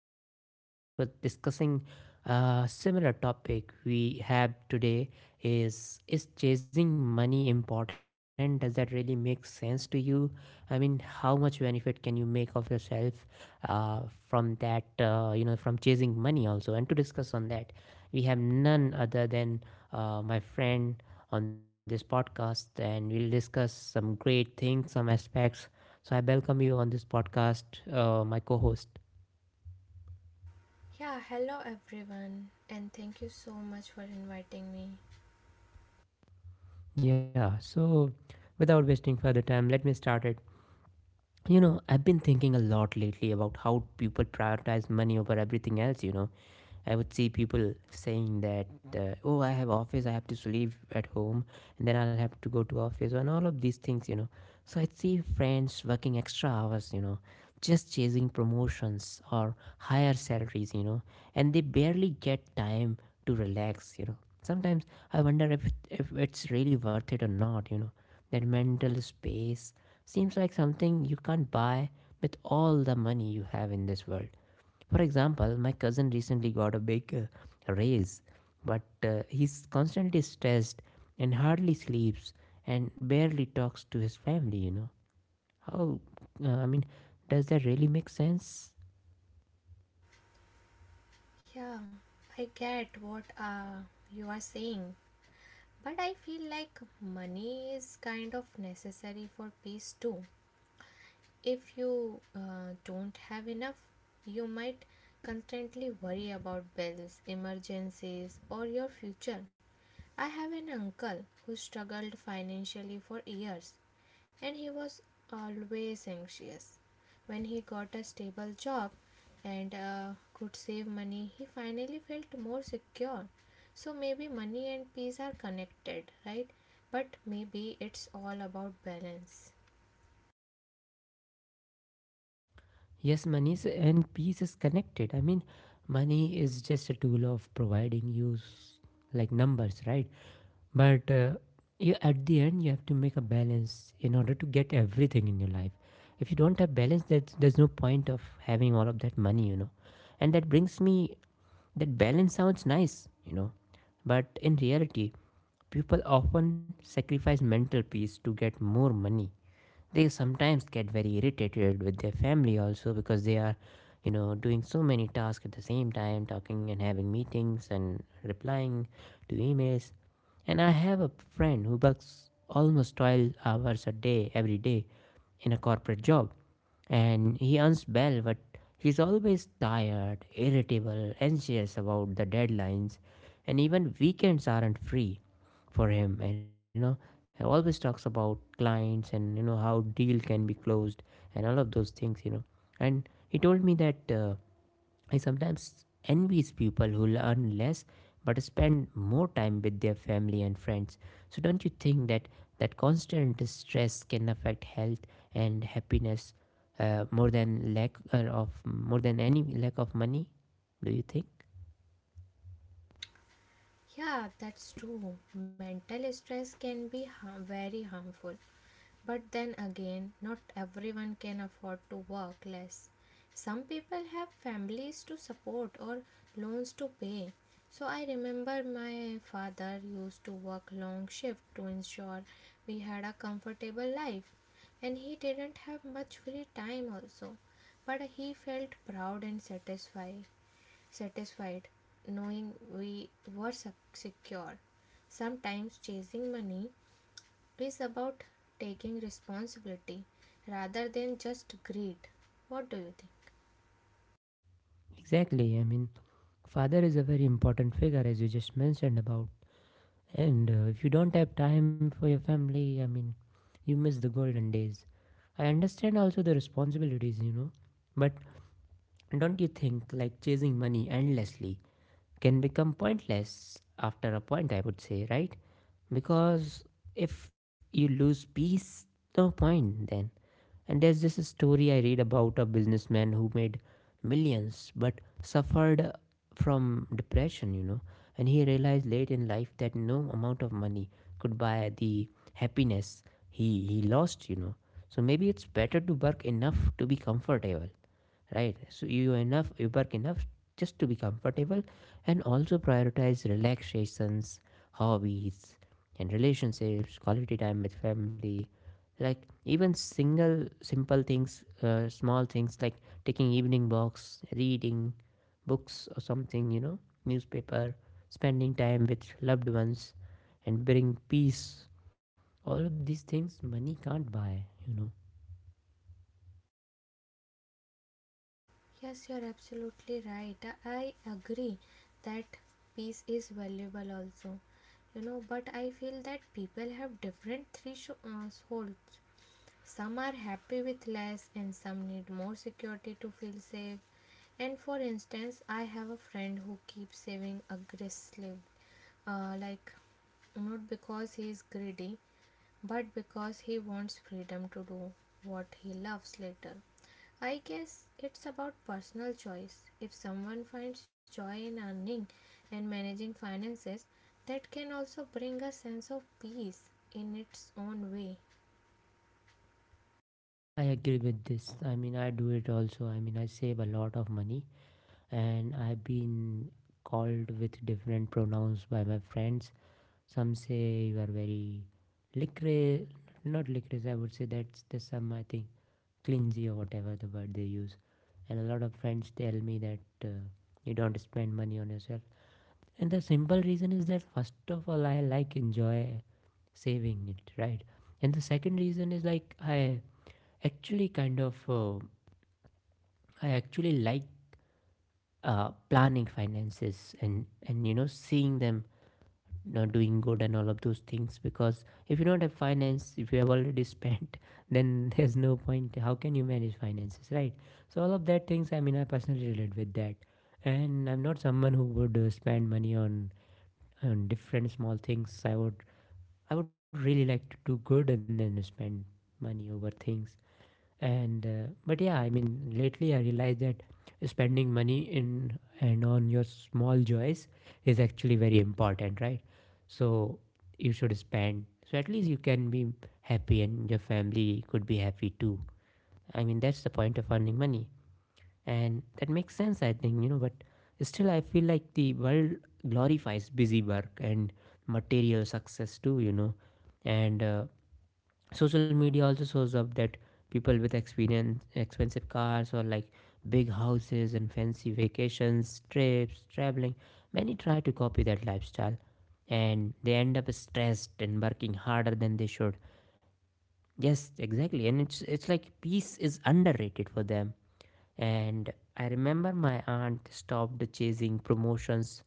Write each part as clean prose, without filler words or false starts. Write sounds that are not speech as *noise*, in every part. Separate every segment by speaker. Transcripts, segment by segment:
Speaker 1: different topics. And for discussing a similar topic we have today is chasing money important? Does that really make sense to you? I mean, how much benefit can you make of yourself uh, from that? From chasing money also. And to discuss on that, we have none other than my friend on this podcast and we'll discuss some great things, some aspects. So I welcome you on this podcast, my co host.
Speaker 2: Yeah, hello everyone, and thank you so much for inviting me.
Speaker 1: Yeah, so without wasting further time, let me start it. I've been thinking a lot lately about how people prioritize money over everything else. I would see people saying that, oh, I have office, I have to sleep at home, and then I'll have to go to office, and all of these things. So I'd see friends working extra hours, just chasing promotions or higher salaries, and they barely get time to relax. Sometimes I wonder if it's really worth it or not, that mental space seems like something you can't buy with all the money you have in this world. For example, my cousin recently got a big raise, but he's constantly stressed and hardly sleeps and barely talks to his family. How, I mean, does that really make sense?
Speaker 2: Yeah, I get what you are saying, but I feel like money is kind of necessary for peace too. If you don't have enough, you might constantly worry about bills, emergencies, or your future. I have an uncle who struggled financially for years and he was always anxious. When he got a stable job and could save money, he finally felt more secure. So maybe money and peace are connected, right? But maybe it's all about balance.
Speaker 1: Yes, money is, and peace is connected. I mean, money is just a tool of providing you like numbers, right? But you, at the end, you have to make a balance in order to get everything in your life. If you don't have balance, that there's no point of having all of that money. And that brings me, that balance sounds nice, but in reality, people often sacrifice mental peace to get more money. They sometimes get very irritated with their family also, because they are, doing so many tasks at the same time, talking and having meetings and replying to emails. And I have a friend who works almost 12 hours a day, every day, in a corporate job, and he earns well, but he's always tired, irritable, anxious about the deadlines, and even weekends aren't free for him. And you know He always talks about clients and, you know, how deal can be closed and all of those things, you know. And he told me that, I sometimes envies people who earn less but spend more time with their family and friends. So don't you think that that constant stress can affect health and happiness, more than lack of more than any lack of money, do you think?
Speaker 2: Yeah, that's true. Mental stress can be very harmful. But then again, not everyone can afford to work less. Some people have families to support or loans to pay. So I remember my father used to work long shift to ensure we had a comfortable life, and he didn't have much free time also, but he felt proud and satisfied knowing we were secure. Sometimes chasing money is about taking responsibility rather than just greed. What do you think?
Speaker 1: Exactly. I mean, father is a very important figure, as you just mentioned about. And if you don't have time for your family, I mean, you miss the golden days. I understand also the responsibilities, you know, but don't you think like chasing money endlessly can become pointless after a point, I would say, right? Because if you lose peace, no point then. And there's this story I read about a businessman who made millions but suffered from depression, you know. And he realized late in life that no amount of money could buy the happiness he lost, you know. So maybe it's better to work enough to be comfortable, right? So you enough, you work enough just to be comfortable, and also prioritize relaxations, hobbies, and relationships, quality time with family. Like even single simple things, small things like taking evening walks, reading books or something, you know, newspaper, spending time with loved ones and bring peace. All of these things money can't buy, you know.
Speaker 2: Yes, you're absolutely right. I agree that peace is valuable also. You know, but I feel that people have different thresholds. Some are happy with less and some need more security to feel safe. And for instance, I have a friend who keeps saving aggressively, like not because he is greedy, but because he wants freedom to do what he loves later. I guess it's about personal choice. If someone finds joy in earning and managing finances, that can also bring a sense of peace in its own way.
Speaker 1: I agree with this. I mean, I do it also. I mean, I save a lot of money, and I've been called with different pronouns by my friends. Some say you are very licorice, not licorice, I would say that's the some, I think, clingy or whatever the word they use. And a lot of friends tell me that you don't spend money on yourself. And the simple reason is that, first of all, I like enjoy saving it, right? And the second reason is like I actually kind of I actually like planning finances, and you know, seeing them, you know, doing good and all of those things. Because if you don't have finance, if you have already *laughs* spent, then there's no point. How can you manage finances, right? So all of that things, I mean, I personally relate with that. And I'm not someone who would spend money on different small things. I would really like to do good and then spend money over things. And but yeah, I mean, lately I realized that spending money in and on your small joys is actually very important, right? So you should spend so at least you can be happy and your family could be happy too. I mean, that's the point of earning money, and that makes sense, I think, you know. But still I feel like the world glorifies busy work and material success too, you know. And social media also shows up that people with experience expensive cars, or like big houses and fancy vacations, trips, traveling, many try to copy that lifestyle, and they end up stressed and working harder than they should. Yes, exactly. And it's like peace is underrated for them. And I remember my aunt stopped chasing promotions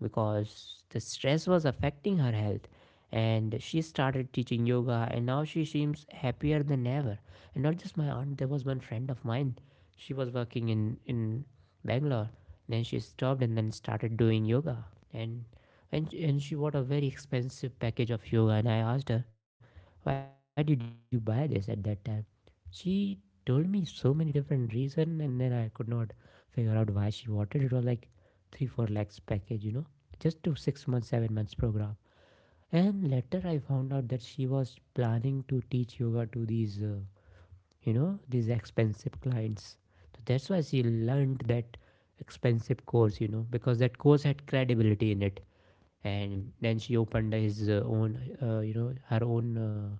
Speaker 1: because the stress was affecting her health. And she started teaching yoga, and now she seems happier than ever. And not just my aunt, there was one friend of mine. She was working in Bangalore. Then she stopped and then started doing yoga. And, and she bought a very expensive package of yoga. And I asked her, why did you buy this at that time? She told me so many different reason, and then I could not figure out why she wanted. It was like three, four lakhs package, you know, just to 6 months, 7 months program. And later I found out that she was planning to teach yoga to these, you know, these expensive clients. So that's why she learned that expensive course, you know, because that course had credibility in it. And then she opened his own, you know, her own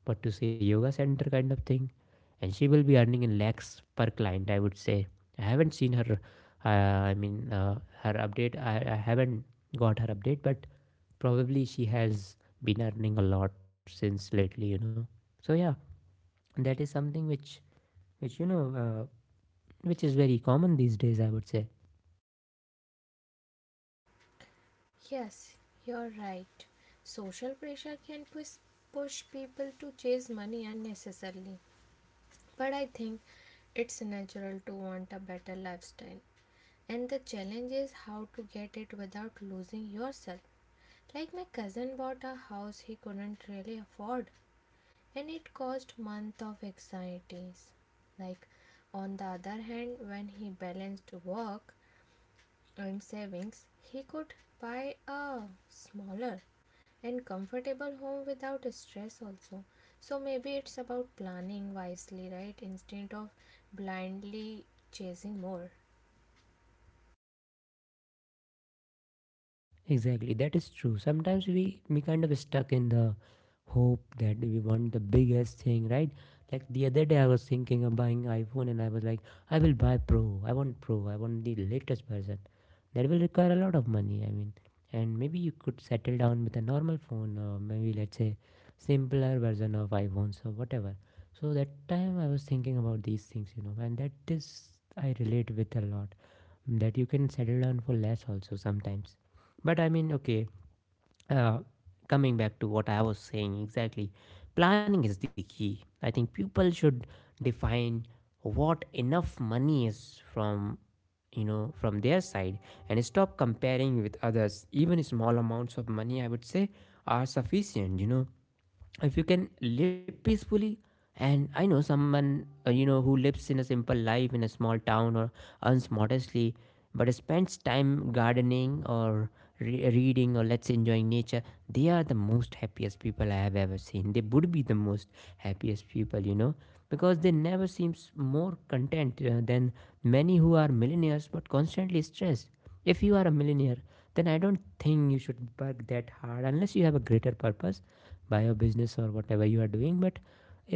Speaker 1: but to say yoga center kind of thing, and she will be earning in lakhs per client, I would say. I haven't seen her, uh, i mean uh, her update. I haven't got her update, but probably she has been earning a lot since lately, you know. So yeah, that is something which you know, which is very common these days, I would say.
Speaker 2: Yes, you're right. Social pressure can push people to chase money unnecessarily. But I think it's natural to want a better lifestyle. And the challenge is how to get it without losing yourself. Like my cousin bought a house he couldn't really afford, and it caused months of anxieties. Like on the other hand, when he balanced work and savings, he could buy a smaller and comfortable home without stress also. So maybe it's about planning wisely, right? Instead of blindly chasing more.
Speaker 1: Exactly, that is true. Sometimes we kind of stuck in the hope that we want the biggest thing, right? Like the other day, I was thinking of buying iPhone, and I was like, I will buy Pro. I want Pro. I want the latest version. That will require a lot of money. I mean, and maybe you could settle down with a normal phone, or maybe let's say simpler version of iPhones or whatever. So that time, I was thinking about these things, you know, and that is I relate with a lot. Mm, that you can settle down for less also sometimes. But I mean, okay, uh, coming back to what I was saying exactly, planning is the key. I think people should define what enough money is from from their side, and stop comparing with others. Even small amounts of money, I would say, are sufficient, you know, if you can live peacefully. And I know someone, who lives in a simple life in a small town, or earns modestly but spends time gardening or reading, or let's say enjoying nature. They are the most happiest people I have ever seen. They would be the most happiest people, you know, because they never seems more content than many who are millionaires but constantly stressed. If you are a millionaire, then I don't think you should work that hard unless you have a greater purpose by your business or whatever you are doing. But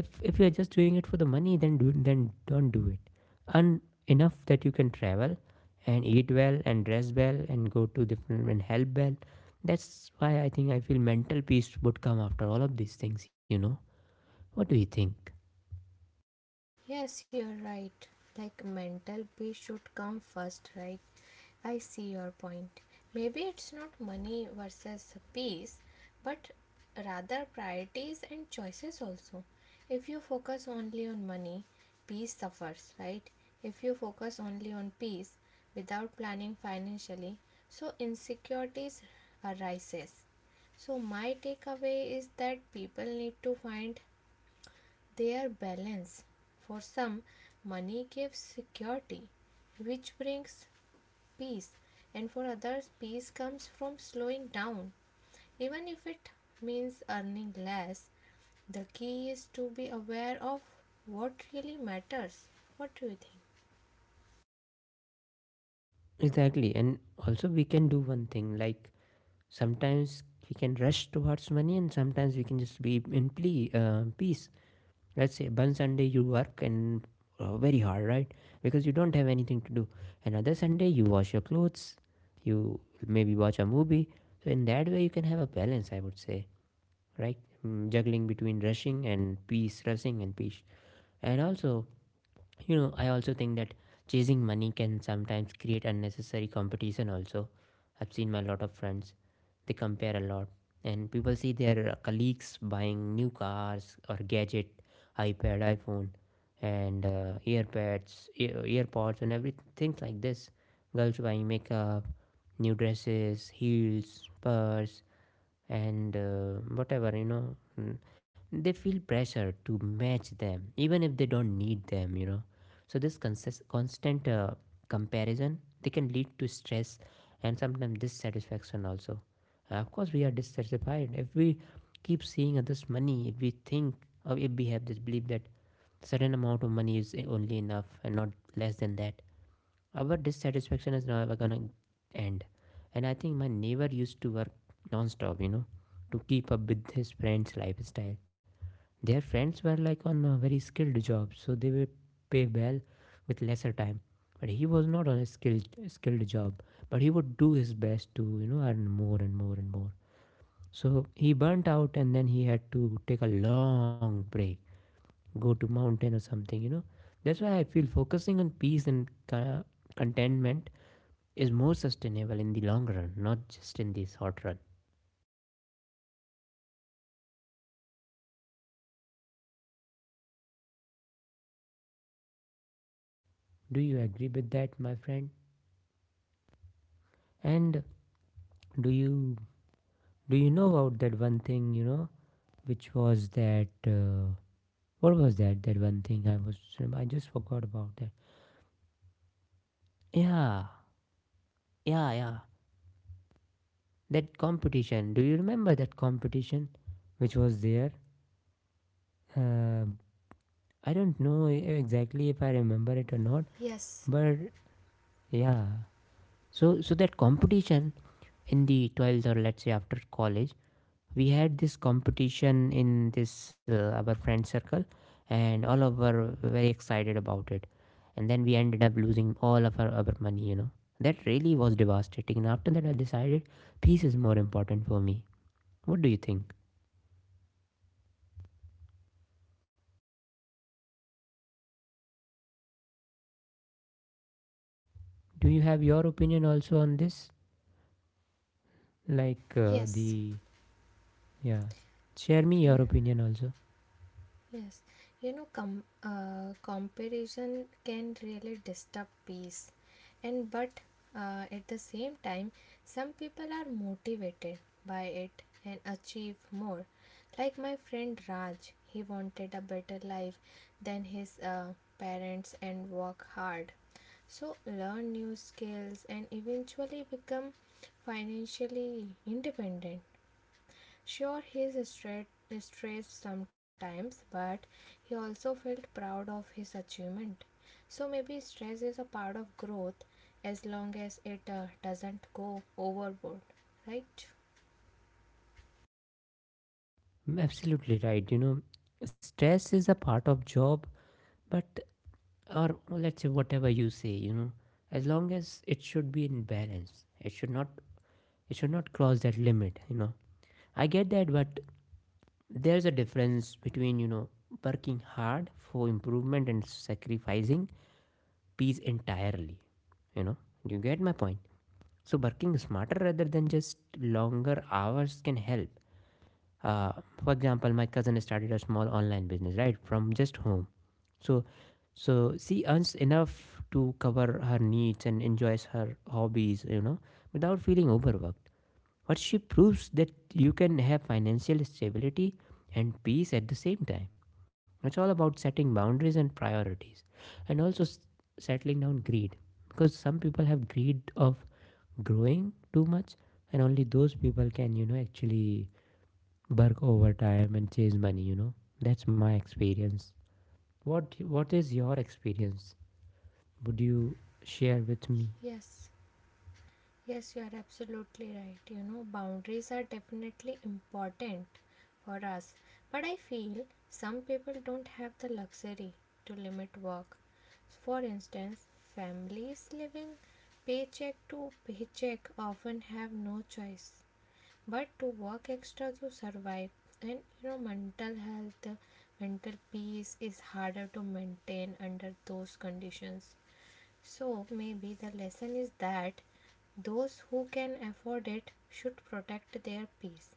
Speaker 1: if you're just doing it for the money, then do, then don't do it. Earn enough that you can travel and eat well and dress well and go to different and help well. That's why I think I feel mental peace would come after all of these things. What do you think?
Speaker 2: Yes, you're right. Like mental peace should come first, right? I see your point. Maybe it's not money versus peace, but rather priorities and choices also. If you focus only on money, peace suffers, right? If you focus only on peace without planning financially, so insecurities arises. So my takeaway is that people need to find their balance. For some, money gives security, which brings peace, and for others, peace comes from slowing down, even if it means earning less. The key is to be aware of what really matters. What do you think?
Speaker 1: Exactly. And also we can do one thing, like sometimes we can rush towards money and sometimes we can just be in peace. Let's say one Sunday you work and very hard, right, because you don't have anything to do. Another Sunday you wash your clothes, you maybe watch a movie. So in that way you can have a balance, I would say. Right. Mm, juggling between rushing and peace, rushing and peace. And also, you know, I also think that chasing money can sometimes create unnecessary competition also. I've seen my lot of friends, they compare a lot. And people see their colleagues buying new cars or gadget, iPad, iPhone, and earpads, earpods and everything like this. Girls buying makeup, new dresses, heels, purse, and whatever you know mm, they feel pressure to match them even if they don't need them. So this constant comparison they can lead to stress and sometimes dissatisfaction also. Of course, we are dissatisfied if we keep seeing others' money. If we think, or if we have this belief that certain amount of money is only enough and not less than that, our dissatisfaction is never gonna end. And I think my neighbor used to work non-stop, you know, to keep up with his friend's lifestyle. Their friends were like on a very skilled job, so they were pay well with lesser time. But he was not on a skilled job, but he would do his best to you know earn more and more and more. So he burnt out, and then he had to take a long break, go to mountain or something. You know, that's why I feel focusing on peace and contentment is more sustainable in the long run, not just in the short run. Do you agree with that, my friend? And do you do you know about that one thing, you know, which was that what was that that one thing I was, I just forgot about that. Yeah. Yeah. That competition, do you remember that competition which was there? uh, I don't know exactly if I remember it or not,
Speaker 2: Yes,
Speaker 1: but yeah. So that competition in the 12th, or let's say after college, we had this competition in this our friend circle, and all of our were very excited about it. And then we ended up losing all of our money, you know. That really was devastating, and after that I decided peace is more important for me. What do you think? Do you have your opinion also on this, like
Speaker 2: yes,
Speaker 1: the, yeah, share me
Speaker 2: yeah.
Speaker 1: your opinion also.
Speaker 2: Yes, you know, comparison can really disturb peace, and but at the same time, some people are motivated by it and achieve more. Like my friend Raj, he wanted a better life than his parents and work hard. So learn new skills and eventually become financially independent. Sure, he's stressed sometimes, but he also felt proud of his achievement. So maybe stress is a part of growth as long as it doesn't go overboard, right?
Speaker 1: Mm, absolutely right, you know. Stress is a part of job, but or let's say whatever you say, you know, as long as it should be in balance, it should not, it should not cross that limit, you know. I get that, but there's a difference between, you know, working hard for improvement and sacrificing peace entirely, you know. You get my point. So working smarter rather than just longer hours can help. uh, for example, my cousin started a small online business right from just home. So so she earns enough to cover her needs and enjoys her hobbies, you know, without feeling overworked. What she proves that you can have financial stability and peace at the same time. It's all about setting boundaries and priorities, and also settling down greed, because some people have greed of growing too much, and only those people can you know actually work overtime and chase money, you know. That's my experience. What is your experience? Would you share with me?
Speaker 2: Yes. Yes, you are absolutely right. You know, boundaries are definitely important for us, but I feel some people don't have the luxury to limit work. For instance, families living paycheck to paycheck often have no choice but to work extra to survive. And you know, mental peace is harder to maintain under those conditions. So maybe the lesson is that those who can afford it should protect their peace,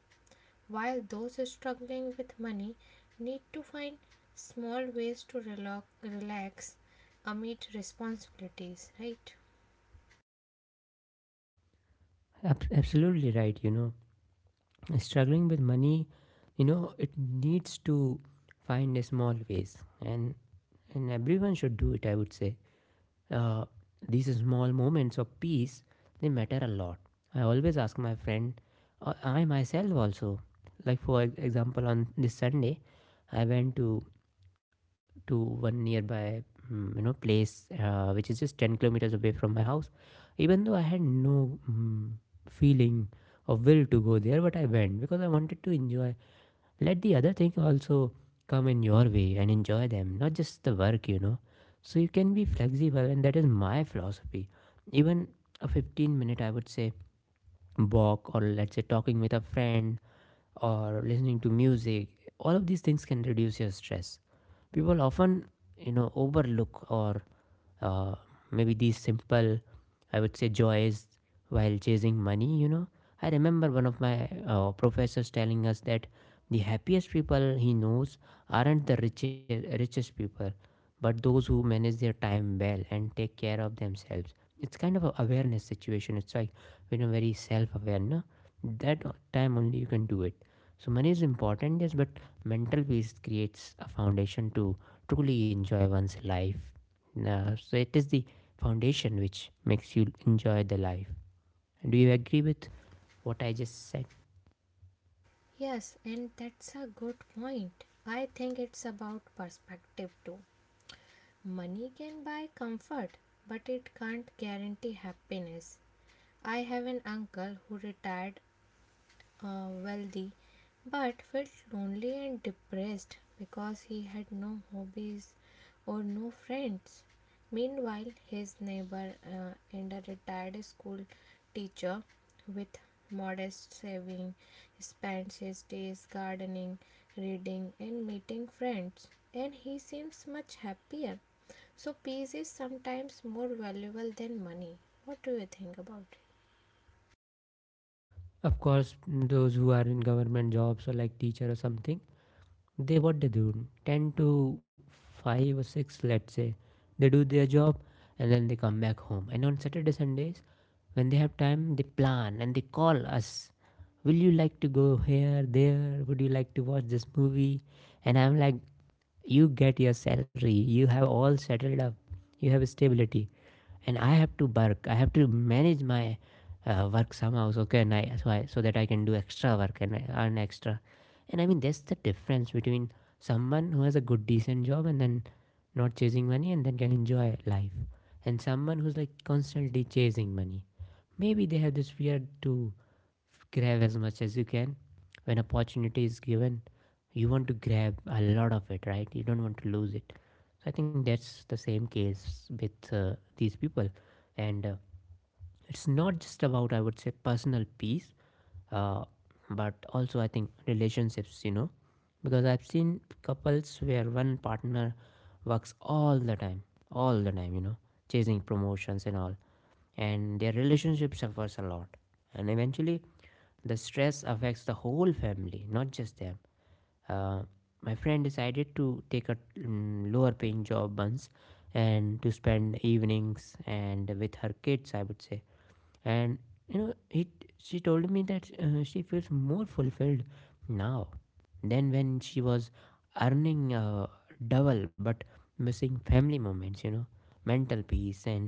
Speaker 2: while those struggling with money need to find small ways to relax amid responsibilities, right?
Speaker 1: Absolutely right, you know. Struggling with money, you know, it needs to find a small ways, and and everyone should do it, I would say. Uh, these small moments of peace, they matter a lot. I always ask my friend, or I myself also, like for example, on this Sunday I went to one nearby, mm, you know, place, which is just 10 kilometers away from my house, even though I had no mm, feeling or will to go there, but I went because I wanted to enjoy. Let the other thing also come in your way and enjoy them, not just the work, you know. So you can be flexible, and that is my philosophy. Even a 15 minute, I would say, walk, or let's say talking with a friend, or listening to music, all of these things can reduce your stress. People often, you know, overlook, or uh, maybe these simple, I would say, joys while chasing money, you know. I remember one of my professors telling us that the happiest people he knows aren't the richest people, but those who manage their time well and take care of themselves. It's kind of a awareness situation, it's like, you know, very self-aware, no, that time only you can do it. So money is important, yes, but mental peace creates a foundation to truly enjoy one's life. So it is the foundation which makes you enjoy the life. Do you agree with what I just said?
Speaker 2: Yes, and that's a good point. I think it's about perspective too. Money can buy comfort, but it can't guarantee happiness. I have an uncle who retired wealthy but felt lonely and depressed because he had no hobbies or no friends. Meanwhile, his neighbor and a retired school teacher with modest saving spends his days gardening, reading, and meeting friends, and he seems much happier. So, peace is sometimes more valuable than money. What do you think about it?
Speaker 1: Of course, those who are in government jobs or like teacher or something, they what they do, 10 to 5 or 6, let's say, they do their job, and then they come back home, and on Saturday Sundays when they have time, they plan and they call us, will you like to go here there, would you like to watch this movie? And I'm like, you get your salary, you have all settled up, you have stability. And I have to work. I have to manage my work somehow. So can I? So I, so that I can do extra work and earn extra. And I mean, that's the difference between someone who has a good decent job and then not chasing money and then can enjoy life, and someone who's like constantly chasing money. Maybe they have this fear to grab as much as you can. When opportunity is given, you want to grab a lot of it, right? You don't want to lose it. So I think that's the same case with these people. And it's not just about, I would say, personal peace, uh, but also I think relationships, you know, because I've seen couples where one partner works all the time, you know, chasing promotions and all, and their relationship suffers a lot. And eventually, the stress affects the whole family, not just them. Uh, my friend decided to take a mm, lower paying job once, and to spend evenings and with her kids, I would say. And you know, it, she told me that she feels more fulfilled now than when she was earning double, but missing family moments, you know. Mental peace and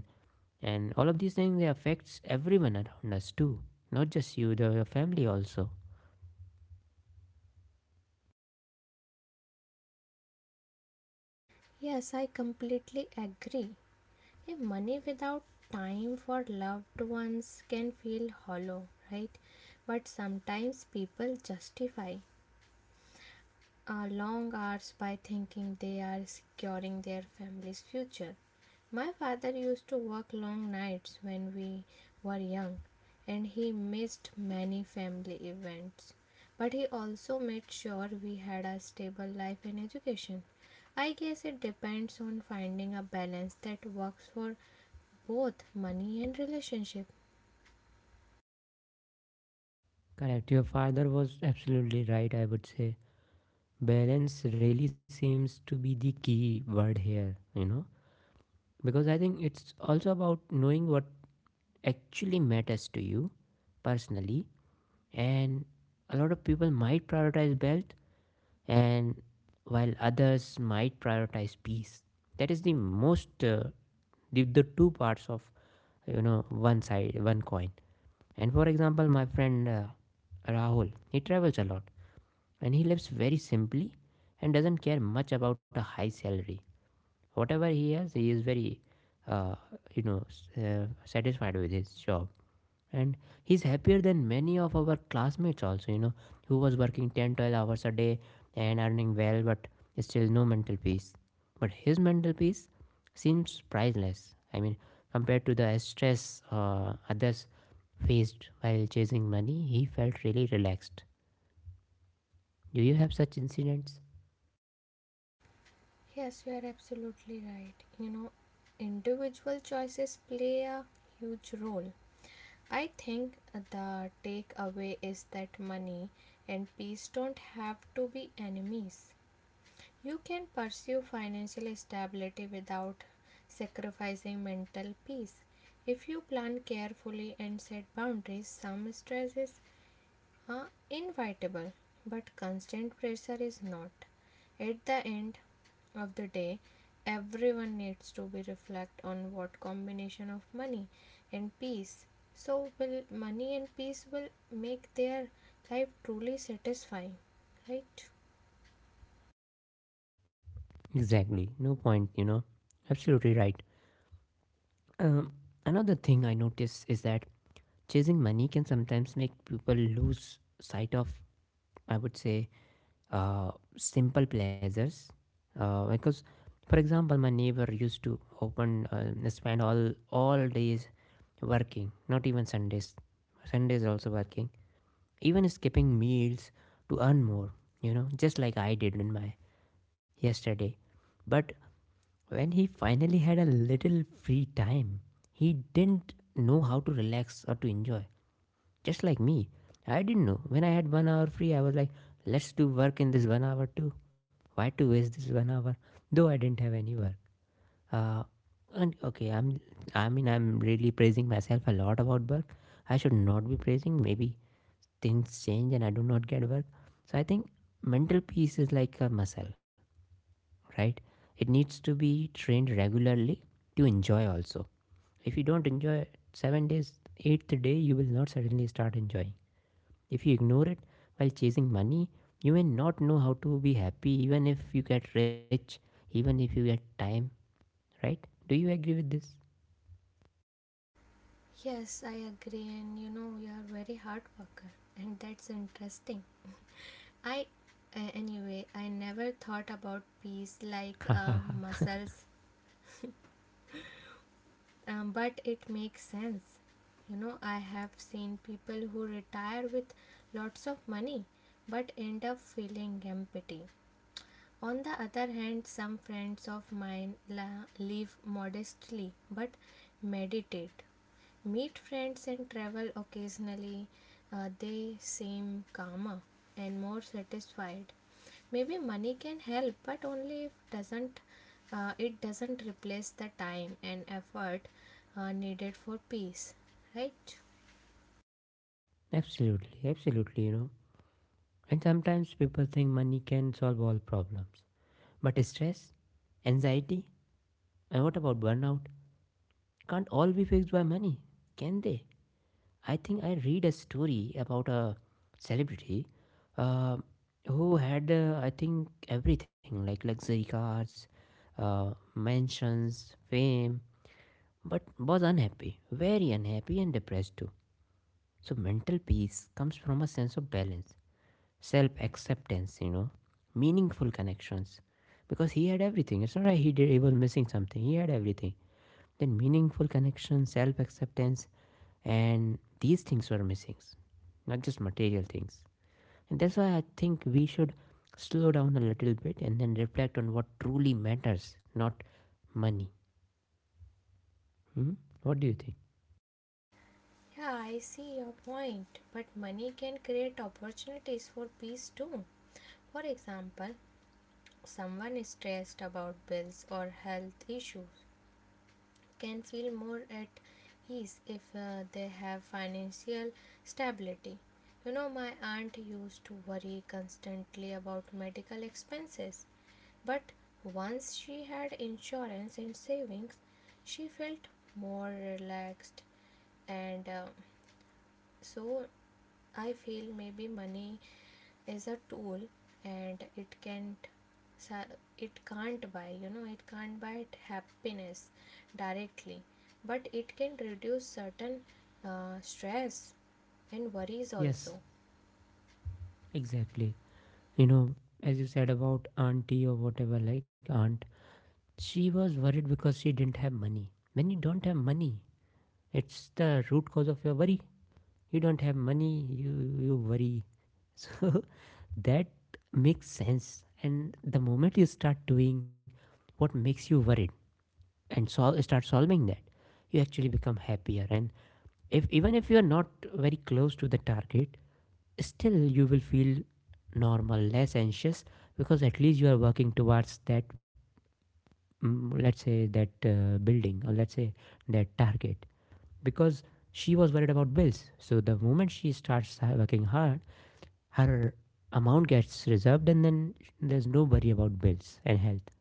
Speaker 1: all of these things, they affects everyone around us too, not just you, the your family also.
Speaker 2: Yes, I completely agree. A money without time for loved ones can feel hollow, right? But sometimes people justify long hours by thinking they are securing their family's future. My father used to work long nights when we were young, and he missed many family events. But he also made sure we had a stable life and education. I guess it depends on finding a balance that works for both money and relationship.
Speaker 1: Correct, your father was absolutely right, I would say. Balance really seems to be the key word here, you know, because I think it's also about knowing what actually matters to you personally. And a lot of people might prioritize wealth, and while others might prioritize peace. That is the most the two parts of, you know, one side one coin. And for example, my friend Rahul, he travels a lot, and he lives very simply, and doesn't care much about a high salary. Whatever he has, he is very uh, you know satisfied with his job. And he's happier than many of our classmates also, you know, who was working 10 12 hours a day and earning well, but still no mental peace. But his mental peace seems priceless. I mean, compared to the stress others faced while chasing money, he felt really relaxed. Do you have such incidents?
Speaker 2: Yes, you are absolutely right. You know, individual choices play a huge role. I think the takeaway is that money and peace don't have to be enemies. You can pursue financial stability without sacrificing mental peace. If you plan carefully and set boundaries, some stress is are inevitable, but constant pressure is not. At the end of the day, everyone needs to be reflect on what combination of money and peace. So will money and peace will make their life truly satisfying, right?
Speaker 1: Exactly, no point, you know. Absolutely right. Um, another thing I notice is that chasing money can sometimes make people lose sight of, I would say, uh, simple pleasures. Because, for example, my neighbor used to open spend all days working, not even Sundays. Sundays also working, even skipping meals to earn more. You know, just like I did in my yesterday. But when he finally had a little free time, he didn't know how to relax or to enjoy. Just like me. I didn't know. When I had 1 hour free, I was like, let's do work in this 1 hour too. Why to waste this 1 hour? Though I didn't have any work. Uh, and okay, I'm, I mean, I'm really praising myself a lot about work. I should not be praising. Maybe things change and I do not get work. So I think mental peace is like a muscle, right? It needs to be trained regularly to enjoy also. If you don't enjoy 7 days, eighth day, you will not suddenly start enjoying. If you ignore it while chasing money, you may not know how to be happy even if you get rich, even if you get time, right? Do you agree with this?
Speaker 2: Yes, I agree, and you know you are very hard worker, and that's interesting. I Anyway, I never thought about peace like
Speaker 1: *laughs*
Speaker 2: muscles but it makes sense. You know, I have seen people who retire with lots of money but end up feeling empty. On the other hand, some friends of mine live modestly but meditate. Meet friends and travel occasionally. They seem calmer and more satisfied. Maybe money can help, but only if doesn't it doesn't replace the time and effort needed for peace, right?
Speaker 1: Absolutely, absolutely, you know. And sometimes people think money can solve all problems. But stress, anxiety, and what about burnout? Can't all be fixed by money, can they? I think I read a story about a celebrity uh, who had, I think, everything like luxury cars, mansions, fame, but was unhappy, very unhappy and depressed too. So, mental peace comes from a sense of balance, self acceptance, you know, meaningful connections. Because he had everything. It's not like he, did, he was missing something, he had everything. Then, meaningful connections, self acceptance, and these things were missing, not just material things. And that's why I think we should slow down a little bit and then reflect on what truly matters, not money. Hmm? What do you think?
Speaker 2: Yeah, I see your point, but money can create opportunities for peace too. For example, someone stressed about bills or health issues can feel more at ease if they have financial stability. You know, my aunt used to worry constantly about medical expenses, but once she had insurance and savings, she felt more relaxed and so I feel maybe money is a tool and sa- it can't buy, you know, it can't buy happiness directly, but it can reduce certain stress and worries
Speaker 1: Yes,
Speaker 2: also.
Speaker 1: exactly. You know, as you said about auntie or whatever, like aunt, she was worried because she didn't have money. When you don't have money, it's the root cause of your worry. You don't have money, you you worry, so *laughs* that makes sense. And the moment you start doing what makes you worried and start solving that, you actually become happier. And if even if you are not very close to the target, still you will feel normal, less anxious, because at least you are working towards that. Let's say that building, or let's say that target, because she was worried about bills. So the moment she starts working hard, her amount gets reserved, and then there's no worry about bills and health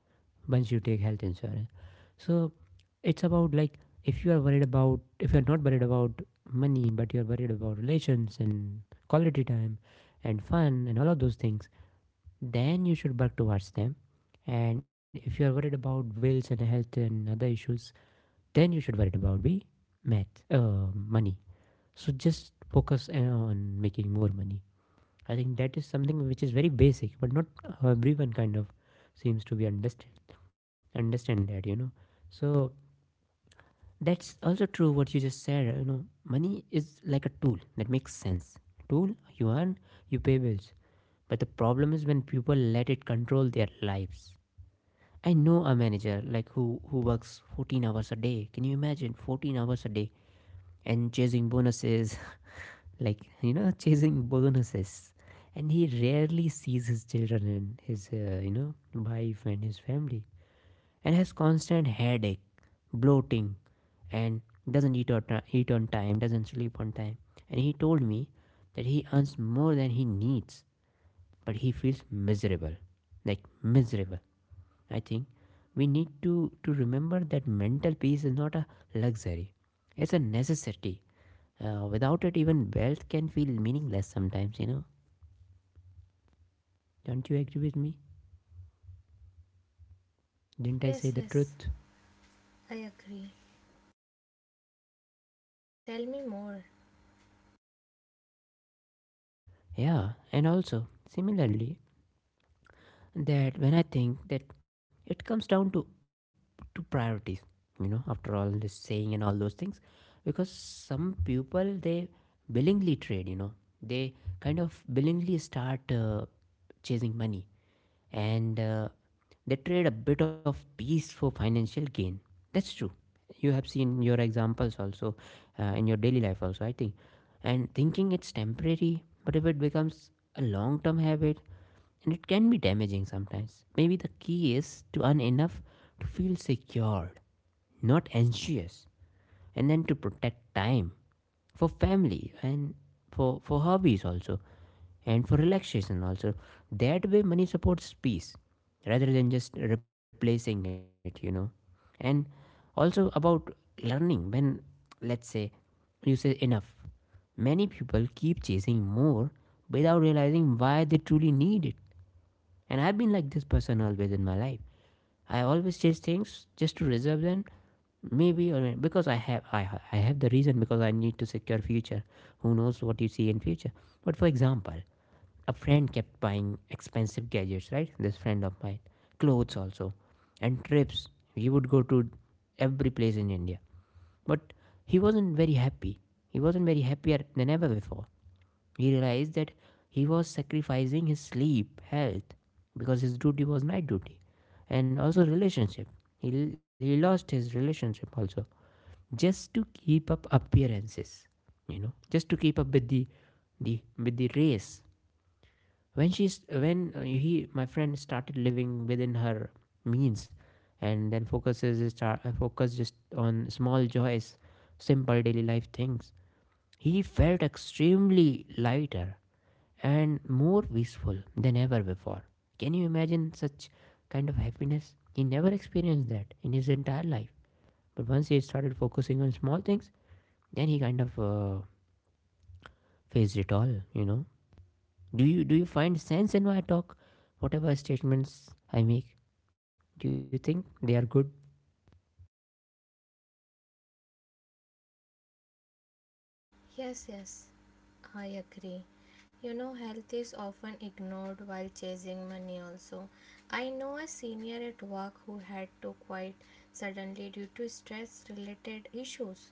Speaker 1: once you take health insurance. So it's about like, if you are worried about, if you are not worried about money but you're worried about relations and quality time and fun and all of those things, then you should work towards them. And if you are worried about bills and health and other issues, then you should worry about be math money. So just focus on making more money. I think that is something which is very basic, but not everyone kind of seems to be understand that, you know. So that's also true what you just said. You know, money is like a tool, that makes sense. Tool, you earn, you pay bills. But the problem is when people let it control their lives. I know a manager like who works 14 hours a day. Can you imagine? 14 hours a day and chasing bonuses, *laughs* like you know, chasing bonuses, and he rarely sees his children and his you know, wife and his family, and has constant headache, bloating, and doesn't eat, or eat on time, doesn't sleep on time. And he told me that he earns more than he needs, but he feels miserable, like miserable. I think we need to remember that mental peace is not a luxury, it's a necessity. Without it, even wealth can feel meaningless sometimes, you know. Don't you agree with me? Didn't I
Speaker 2: Yes,
Speaker 1: say the
Speaker 2: yes,
Speaker 1: truth?
Speaker 2: I agree. Tell me more.
Speaker 1: Yeah, and also, similarly, that when I think that it comes down to priorities, you know, after all this saying and all those things, because some people, they willingly trade, you know, they kind of willingly start chasing money, and they trade a bit of peace for financial gain. That's true. You have seen your examples also in your daily life also, I think. And thinking it's temporary, but if it becomes a long term habit, and it can be damaging sometimes. Maybe the key is to earn enough to feel secured, not anxious, and then to protect time for family and for hobbies also, and for relaxation also. That way money supports peace rather than just replacing it, you know. And also about learning when, let's say, you say enough. Many people keep chasing more without realizing why they truly need it. And I've been like this person always in my life. I always chase things just to reserve them, maybe, or because I have, I have the reason, because I need to secure future. Who knows what you see in future? But for example, a friend kept buying expensive gadgets, right? This friend of mine, clothes also, and trips. He would go to every place in India, but he wasn't very happy. He wasn't very happier than ever before. He realized that he was sacrificing his sleep, health, because his duty was night duty, and also relationship. He lost his relationship also, just to keep up appearances, you know, just to keep up with the with the race. When she's when he, my friend, started living within her means, and then focuses, start focus just on small joys, simple daily life things, he felt extremely lighter and more peaceful than ever before. Can you imagine such kind of happiness? He never experienced that in his entire life. But once he started focusing on small things, then he kind of faced it all. You know, do you find sense in my talk? Whatever statements I make, do you think they are good?
Speaker 2: Yes, yes, I agree. You know, health is often ignored while chasing money, also. I know a senior at work who had to quit suddenly due to stress related issues.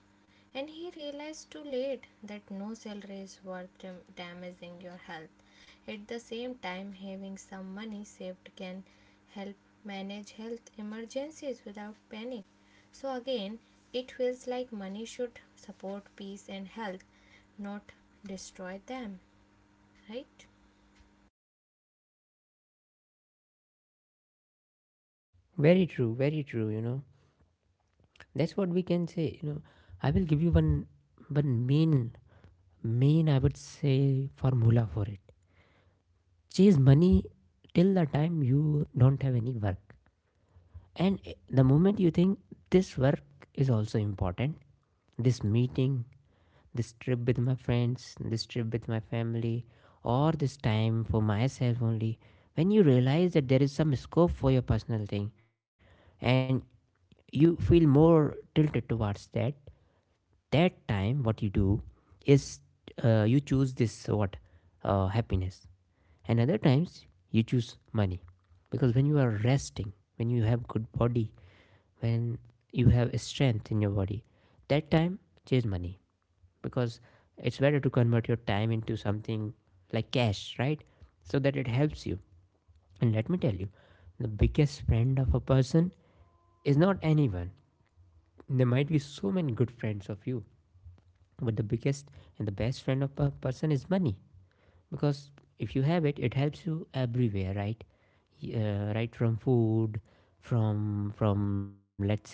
Speaker 2: And he realized too late that no salary is worth damaging your health. At the same time, having some money saved can help manage health emergencies without panic. So, again, it feels like money should support peace and health, not destroy them, right?
Speaker 1: Very true, very true. You know, that's what we can say. You know, I will give you one one main I would say formula for it. Chase money till the time you don't have any work. And the moment you think this work is also important, this meeting, this trip with my friends, this trip with my family, or this time for myself only, when you realize that there is some scope for your personal thing, and you feel more tilted towards that, that time what you do is, you choose this, what, happiness, and other times you choose money. Because when you are resting, when you have good body, when you have strength in your body, that time chase money. Because it's better to convert your time into something like cash, right? So that it helps you. And let me tell you, the biggest friend of a person is not anyone. There might be so many good friends of you, but the biggest and the best friend of a person is money. Because if you have it, it helps you everywhere, right? Right from food, from let's say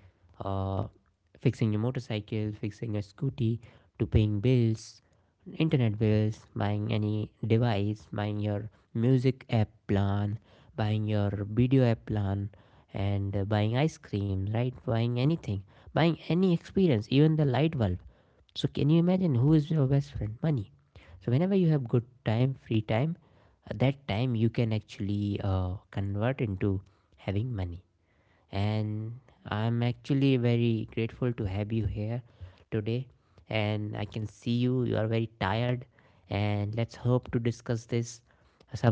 Speaker 1: uh, fixing your motorcycle, fixing your scooty, to paying bills, internet bills, buying any device, buying your music app plan, buying your video app plan, and buying ice cream, right, buying anything, buying any experience, even the light bulb. So can you imagine who is your best friend? Money. So whenever you have good time, free time, that time you can actually convert into having money. And I'm actually very grateful to have you here today. And I can see you. You are very tired. And let's hope to discuss this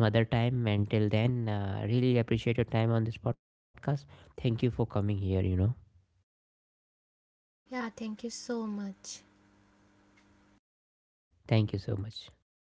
Speaker 1: some other time. Until then, I really appreciate your time on this podcast. Thank you for coming here. You know,
Speaker 2: Yeah, thank you so much.
Speaker 1: thank you so much.